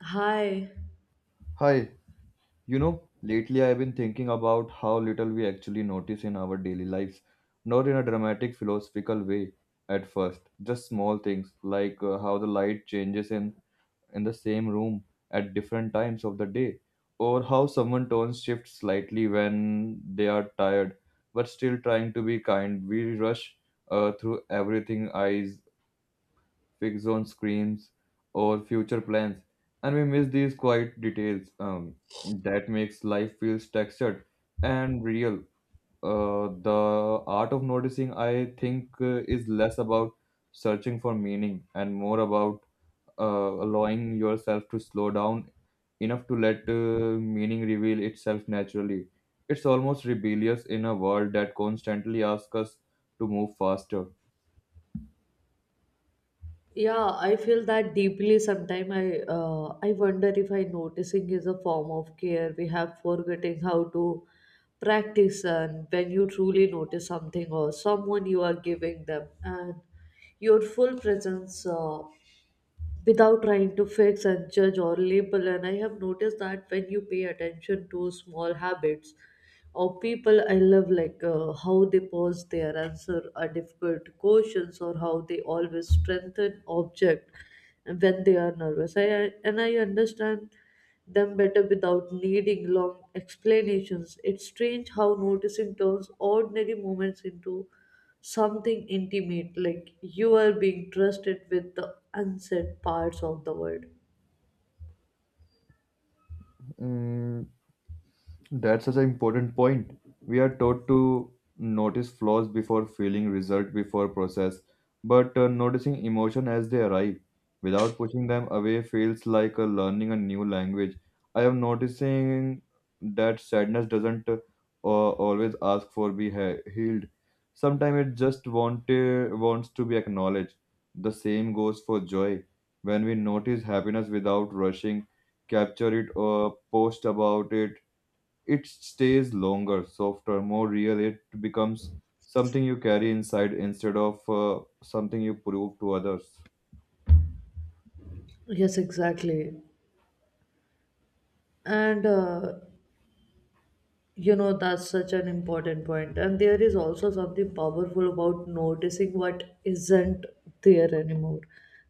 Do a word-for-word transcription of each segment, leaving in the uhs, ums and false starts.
Hi. Hi, you know, lately I've been thinking about how little we actually notice in our daily lives. Not in a dramatic philosophical way at first, just small things like uh, how the light changes in, in the same room at different times of the day, or how someone tones shift slightly when they are tired but still trying to be kind. We rush uh, through everything, eyes fix on screens or future plans, and we miss these quiet details um, that makes life feels textured and real. Uh, the art of noticing, I think uh, is less about searching for meaning and more about uh, allowing yourself to slow down enough to let uh, meaning reveal itself naturally. It's almost rebellious in a world that constantly asks us to move faster. Yeah, I feel that deeply. Sometimes I uh, I wonder if I noticing is a form of care. We have forgetting how to practice, and when you truly notice something or someone, you are giving them, and your full presence. Uh, without trying to fix and judge or label. And I have noticed that when you pay attention to small habits of people, I love like uh, how they pause their answer a difficult questions or how they always strengthen object when they are nervous. I I- and I understand them better without needing long explanations. It's strange how noticing turns ordinary moments into something intimate like you are being trusted with the unsaid parts of the world. Mm. That's such an important point. We are taught to notice flaws before feeling, result before process, but uh, noticing emotion as they arrive without pushing them away feels like uh, learning a new language. I am noticing that sadness doesn't uh, uh, always ask for be he- healed. Sometimes it just want, uh, wants to be acknowledged. The same goes for joy. When we notice happiness without rushing, capture it or post about it, it stays longer, softer, more real. It becomes something you carry inside instead of uh, something you prove to others. Yes, exactly. and uh, You know, that's such an important point. And there is also something powerful about noticing what isn't there anymore.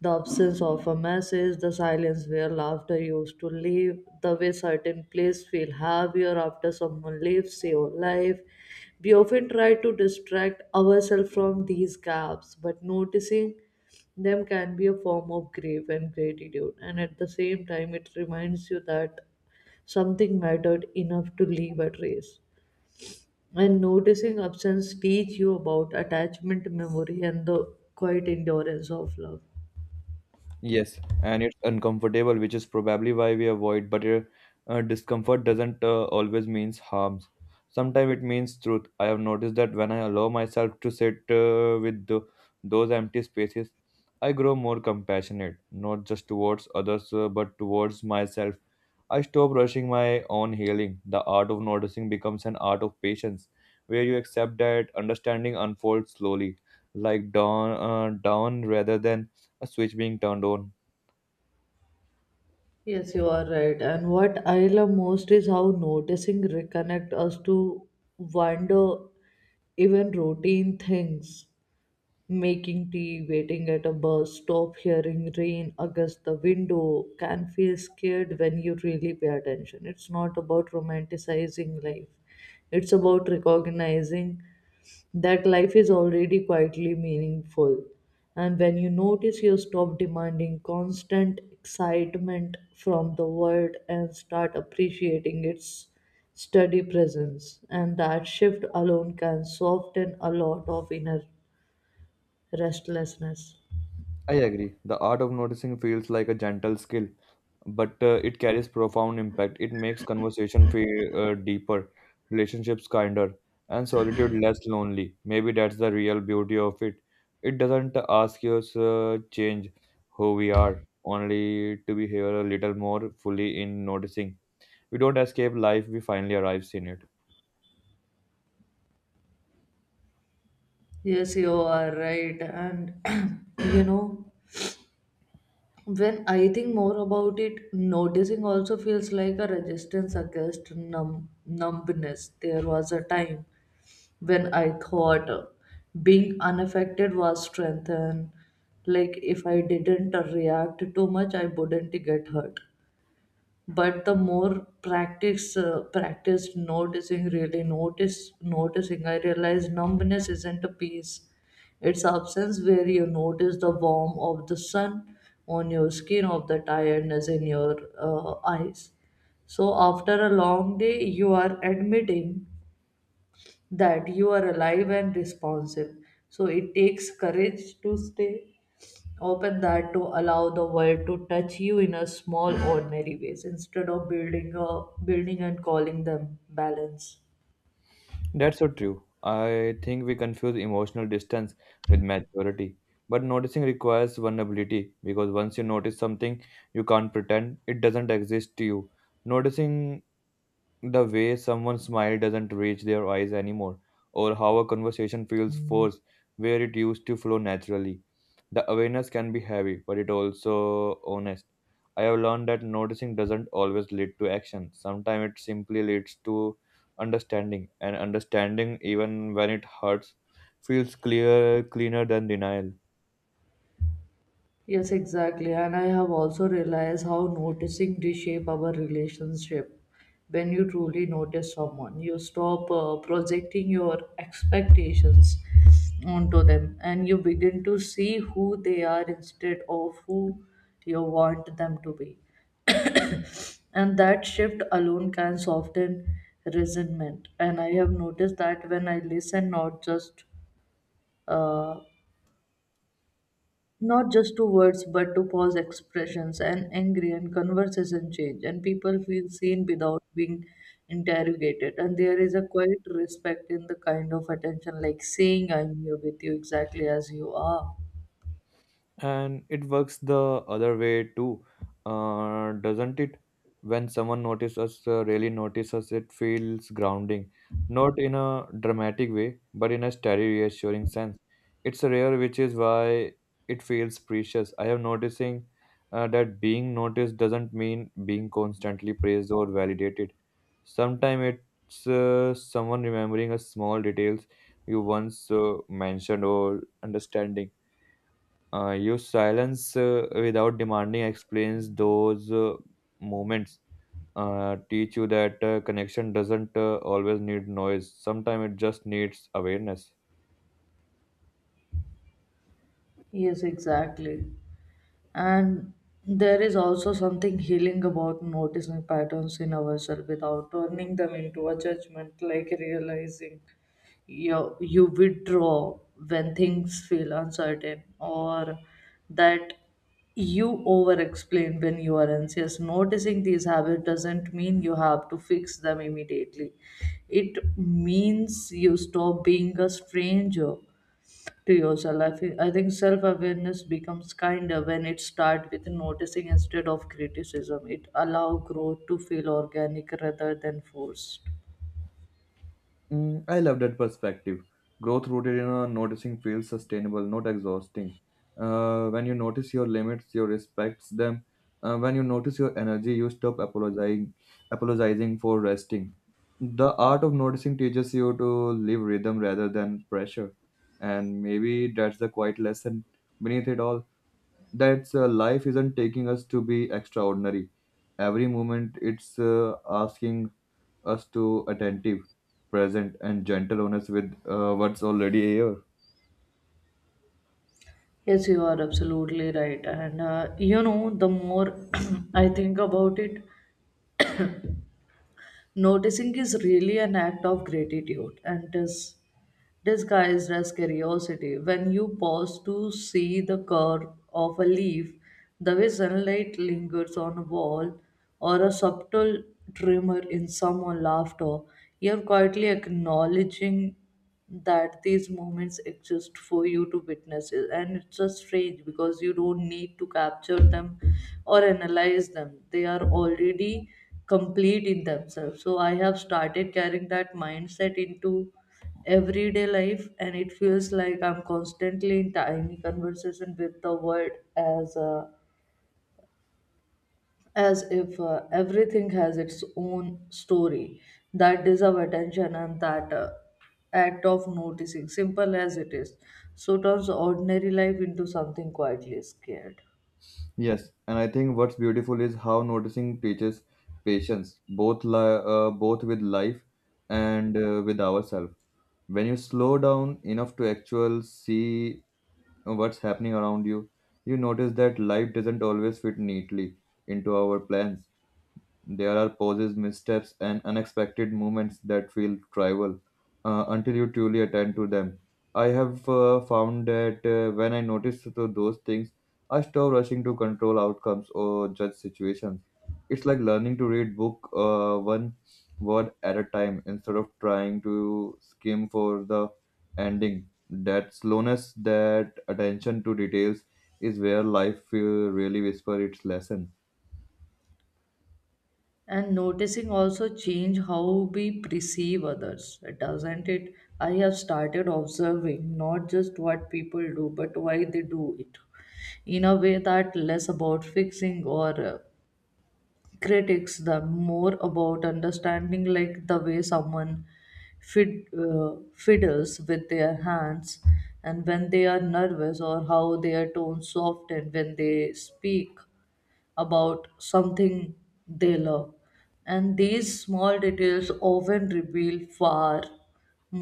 The absence of a message, the silence where laughter used to live, the way certain places feel heavier after someone leaves your life. We often try to distract ourselves from these gaps, but noticing them can be a form of grief and gratitude. And at the same time, it reminds you that something mattered enough to leave a trace. And noticing absence teach you about attachment memory and the quiet endurance of love. Yes, and it's uncomfortable, which is probably why we avoid. But uh, uh, discomfort doesn't uh, always means harms. Sometimes it means truth. I have noticed that when I allow myself to sit uh, with the, those empty spaces, I grow more compassionate, not just towards others, uh, but towards myself. I stop rushing my own healing. The art of noticing becomes an art of patience, where you accept that understanding unfolds slowly, like dawn, uh, dawn rather than a switch being turned on. Yes, you are right. And what I love most is how noticing reconnect us to wonder, even routine things, making tea, waiting at a bus stop, hearing rain against the window, can feel scared when you really pay attention. It's not about romanticizing life, it's about recognizing that life is already quietly meaningful. And when you notice, you stop demanding constant excitement from the world and start appreciating its steady presence. And that shift alone can soften a lot of inner restlessness. I agree. The art of noticing feels like a gentle skill, but uh, it carries profound impact. It makes conversation feel uh, deeper, relationships kinder, and solitude less lonely. Maybe that's the real beauty of it. It doesn't ask us uh, change who we are, only to be here a little more fully in noticing. We don't escape life, we finally arrive in it. Yes, you are right. And you know, when I think more about it, noticing also feels like a resistance against numb numbness. There was a time when I thought uh, being unaffected was strength, and like if I didn't react too much, I wouldn't get hurt. But the more practice uh, practiced noticing, really notice noticing, I realized numbness isn't a peace, it's absence where you notice the warmth of the sun on your skin, of the tiredness in your uh, eyes. So after a long day you are admitting that you are alive and responsive, so it takes courage to stay open, that to allow the world to touch you in a small ordinary ways instead of building a building and calling them balance. That's so true. I think we confuse emotional distance with maturity. But noticing requires vulnerability because once you notice something, you can't pretend it doesn't exist to you. Noticing the way someone's smile doesn't reach their eyes anymore, or how a conversation feels, mhm, forced where it used to flow naturally. The awareness can be heavy, but it also honest. I have learned that noticing doesn't always lead to action. Sometimes it simply leads to understanding, and understanding, even when it hurts, feels clear cleaner than denial. Yes, exactly. And I have also realized how noticing reshape our relationship. When you truly notice someone, you stop uh, projecting your expectations onto them and you begin to see who they are instead of who you want them to be. And that shift alone can soften resentment. And I have noticed that when I listen, not just uh, not just to words but to pause expressions and angry and conversation change, and people feel seen without being interrogated. And there is a quiet respect in the kind of attention, like saying I'm here with you exactly as you are. And it works the other way too, uh, doesn't it? When someone notices us, uh, really notices us, it feels grounding, not in a dramatic way but in a steady reassuring sense. It's rare, which is why it feels precious. I have noticing uh, that being noticed doesn't mean being constantly praised or validated. Sometimes it's uh, someone remembering a small details you once uh, mentioned or understanding uh, your silence uh, without demanding explains those uh, moments. Uh, teach you that uh, connection doesn't uh, always need noise. Sometimes it just needs awareness. Yes, exactly. And there is also something healing about noticing patterns in ourselves without turning them into a judgment, like realizing you, you withdraw when things feel uncertain, or that you over explain when you are anxious. Noticing these habits doesn't mean you have to fix them immediately, it means you stop being a stranger to yourself. I think, I think self awareness becomes kinder when it starts with noticing instead of criticism. It allows growth to feel organic rather than forced. Mm, I love that perspective. Growth rooted in a noticing feels sustainable, not exhausting. Uh, when you notice your limits, you respect them. Uh, when you notice your energy, you stop apologizing, apologizing for resting. The art of noticing teaches you to live rhythm rather than pressure, and maybe that's the quiet lesson beneath it all. That uh, life isn't taking us to be extraordinary. Every moment, it's uh, asking us to attentive, present, and gentle honest with uh, what's already here. Yes, you are absolutely right. And uh, You know, the more I think about it, noticing is really an act of gratitude and is disguised as curiosity. When you pause to see the curve of a leaf, the way sunlight lingers on a wall, or a subtle tremor in someone's laughter, you're quietly acknowledging that these moments exist for you to witness it. And it's just strange because you don't need to capture them or analyze them. They are already complete in themselves. So I have started carrying that mindset into everyday life, and it feels like I'm constantly in tiny conversation with the world, as uh, as if uh, everything has its own story that deserve attention. And that uh, act of noticing, simple as it is, so turns ordinary life into something quietly scared. Yes, and I think what's beautiful is how noticing teaches patience, both li- uh, both with life and uh, with ourselves. When you slow down enough to actually see what's happening around you, you notice that life doesn't always fit neatly into our plans. There are pauses, missteps, and unexpected moments that feel trivial uh, until you truly attend to them. I have uh, found that uh, when I notice to those things, I stop rushing to control outcomes or judge situations. It's like learning to read book uh, one word at a time instead of trying to skim for the ending. That slowness, that attention to details, is where life uh, really whisper its lesson. And noticing also change how we perceive others, doesn't it? I have started observing not just what people do but why they do it, in a way that less about fixing or uh, critics, the more about understanding, like the way someone fid, uh, fiddles with their hands and when they are nervous, or how their tones soften when they speak about something they love. And these small details often reveal far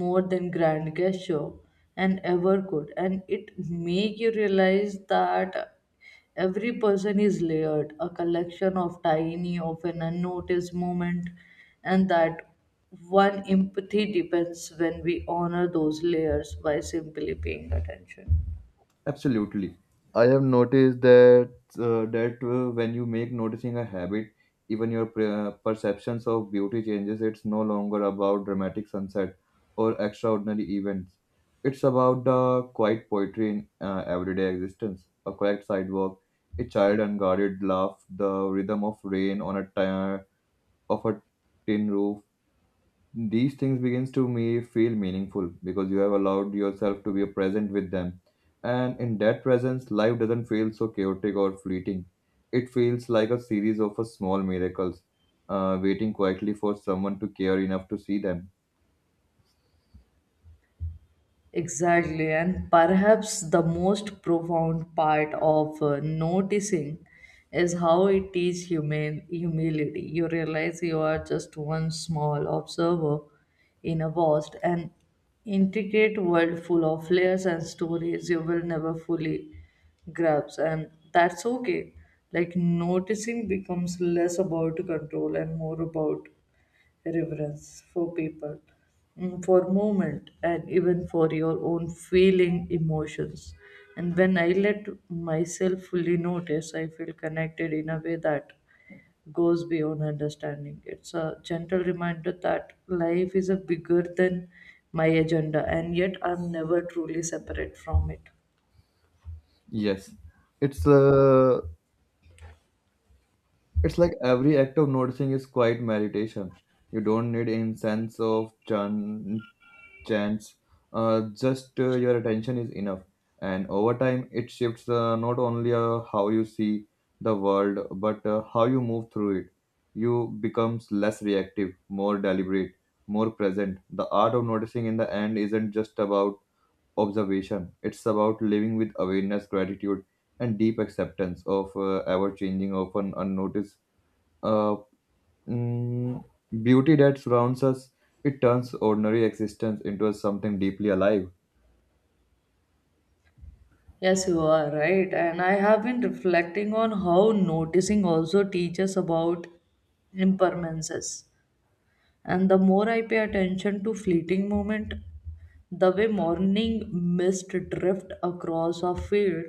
more than grand gesture and ever could. And it make you realize that every person is layered, a collection of tiny, often unnoticed moments, and that one empathy depends when we honor those layers by simply paying attention. Absolutely. I have noticed that uh, that uh, when you make noticing a habit, even your pre- uh, perceptions of beauty changes. It's no longer about dramatic sunset or extraordinary events. It's about the quiet poetry in uh, everyday existence. A quiet sidewalk, a child unguarded laugh, the rhythm of rain on a tire of a tin roof, these things begins to me feel meaningful because you have allowed yourself to be present with them, and in that presence life doesn't feel so chaotic or fleeting. It feels like a series of a small miracles uh, waiting quietly for someone to care enough to see them. Exactly, and perhaps the most profound part of uh, noticing is how it teaches human humility. You realize you are just one small observer in a vast and intricate world full of layers and stories you will never fully grasp, and that's okay. Like noticing becomes less about control and more about reverence for people, mm, for movement, and even for your own feeling emotions. And when I let myself fully notice, I feel connected in a way that goes beyond understanding. It's a gentle reminder that life is a bigger than my agenda, and yet I'm never truly separate from it. Yes, it's uh, it's like every act of noticing is quiet meditation. You don't need incense of chan. chance, uh, just uh, your attention is enough. And over time, it shifts uh, not only uh, how you see the world, but uh, how you move through it. You becomes less reactive, more deliberate, more present. The art of noticing in the end isn't just about observation. It's about living with awareness, gratitude, and deep acceptance of uh, ever-changing, often unnoticed, uh, Mm, beauty that surrounds us. It turns ordinary existence into something deeply alive. Yes, you are right. And I have been reflecting on how noticing also teaches about impermanences. And the more I pay attention to fleeting moment, the way morning mist drift across a field,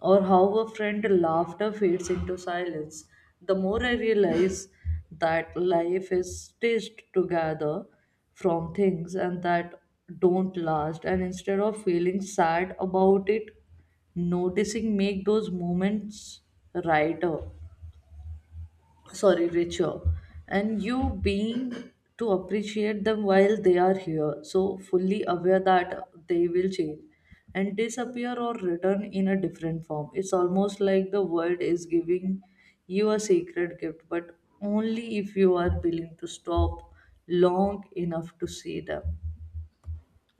or how a friend laughter fades into silence, the more I realize that life is stitched together from things and that don't last. And instead of feeling sad about it, noticing make those moments brighter, sorry ritual, and you being to appreciate them while they are here, so fully aware that they will change and disappear or return in a different form. It's almost like the world is giving you a sacred gift, but only if you are willing to stop long enough to see them.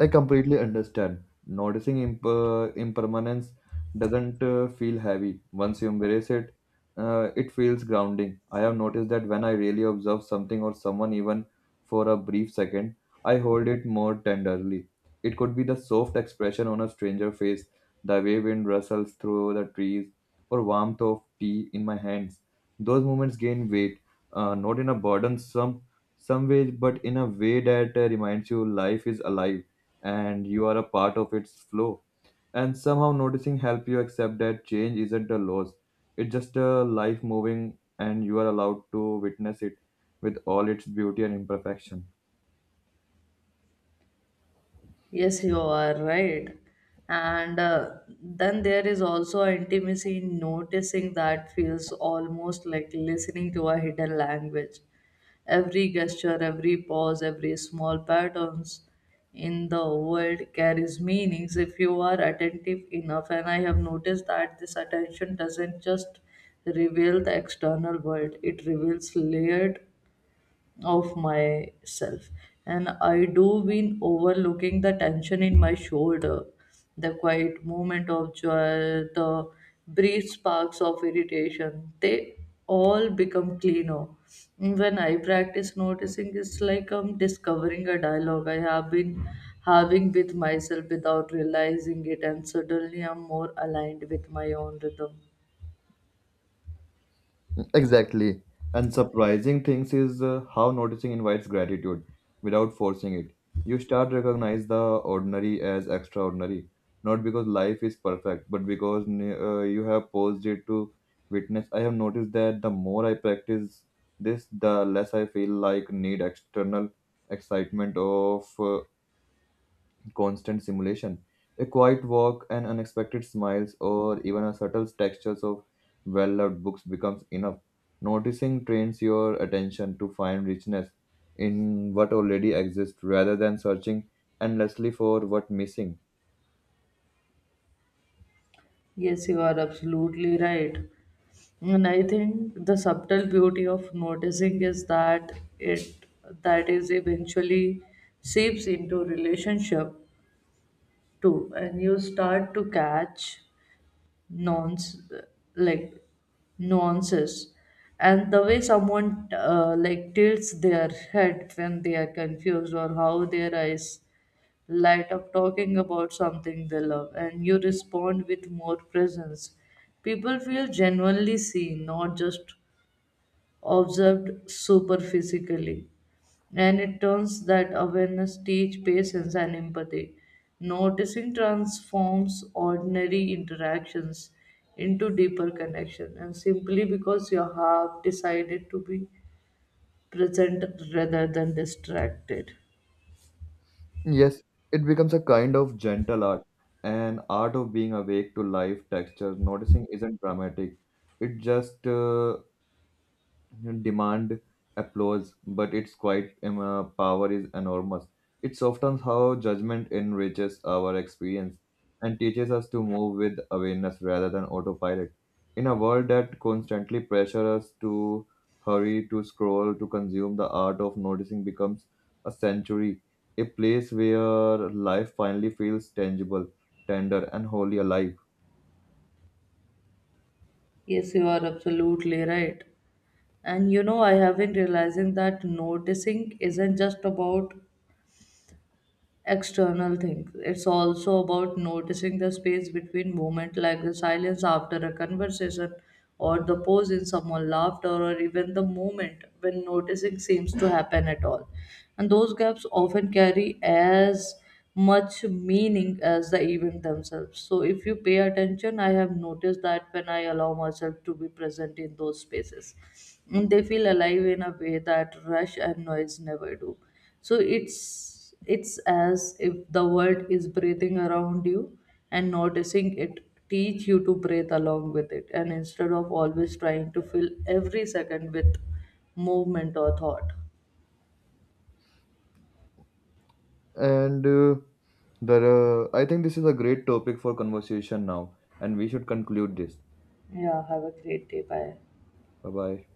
I completely understand. Noticing imp- uh, impermanence doesn't uh, feel heavy. Once you embrace it, uh, it feels grounding. I have noticed that when I really observe something or someone, even for a brief second, I hold it more tenderly. It could be the soft expression on a stranger face, the way wind rustles through the trees, or warmth of tea in my hands. Those moments gain weight, uh, not in a burdensome some way, but in a way that uh, reminds you life is alive and you are a part of its flow. And somehow noticing help you accept that change isn't a loss. It's just a life moving and you are allowed to witness it with all its beauty and imperfection. Yes, you are right. And uh, Then there is also an intimacy in noticing that feels almost like listening to a hidden language. Every gesture, every pause, every small patterns in the world carries meanings if you are attentive enough. And I have noticed that this attention doesn't just reveal the external world; it reveals layered of myself. And I do been overlooking the tension in my shoulder, the quiet moment of joy, the brief sparks of irritation, they all become cleaner when I practice noticing. It's like I'm discovering a dialogue I have been having with myself without realizing it, and suddenly I'm more aligned with my own rhythm. Exactly. And surprising things is uh, how noticing invites gratitude without forcing it. You start recognize the ordinary as extraordinary, not because life is perfect, but because uh, you have paused it to witness. I have noticed that the more I practice this, the less I feel like need external excitement of uh, constant simulation. A quiet walk, an unexpected smiles, or even a subtle textures of well-loved books becomes enough. Noticing trains your attention to find richness in what already exists rather than searching endlessly for what missing. Yes, you are absolutely right. And I think the subtle beauty of noticing is that it that is eventually seeps into relationship too, and you start to catch nonce, like nuances, and the way someone uh, like tilts their head when they are confused, or how their eyes light up talking about something they love, and you respond with more presence, people feel genuinely seen, not just observed superphysically. And it turns that awareness teach patience and empathy. Noticing transforms ordinary interactions into deeper connection and simply because you have decided to be present rather than distracted. Yes, it becomes a kind of gentle art, an art of being awake to life texture. Noticing isn't dramatic. It just uh, demand applause, but its quiet um, uh, power is enormous. It's often how judgment enriches our experience and teaches us to move with awareness rather than autopilot. In a world that constantly pressures us to hurry, to scroll, to consume, the art of noticing becomes a sanctuary, a place where life finally feels tangible, tender, and wholly alive. Yes, you are absolutely right. And you know, I have been realizing that noticing isn't just about external things. It's also about noticing the space between moment, like the silence after a conversation, or the pause in someone's laughter, or even the moment when noticing seems to happen at all. And those gaps often carry as much meaning as the event themselves. So, if you pay attention, I have noticed that when I allow myself to be present in those spaces, and they feel alive in a way that rush and noise never do, so it's it's as if the world is breathing around you and noticing it teach you to breathe along with it, and instead of always trying to fill every second with movement or thought. And uh, the I think this is a great topic for conversation now, and we should conclude this. Yeah, have a great day, bye. Bye bye.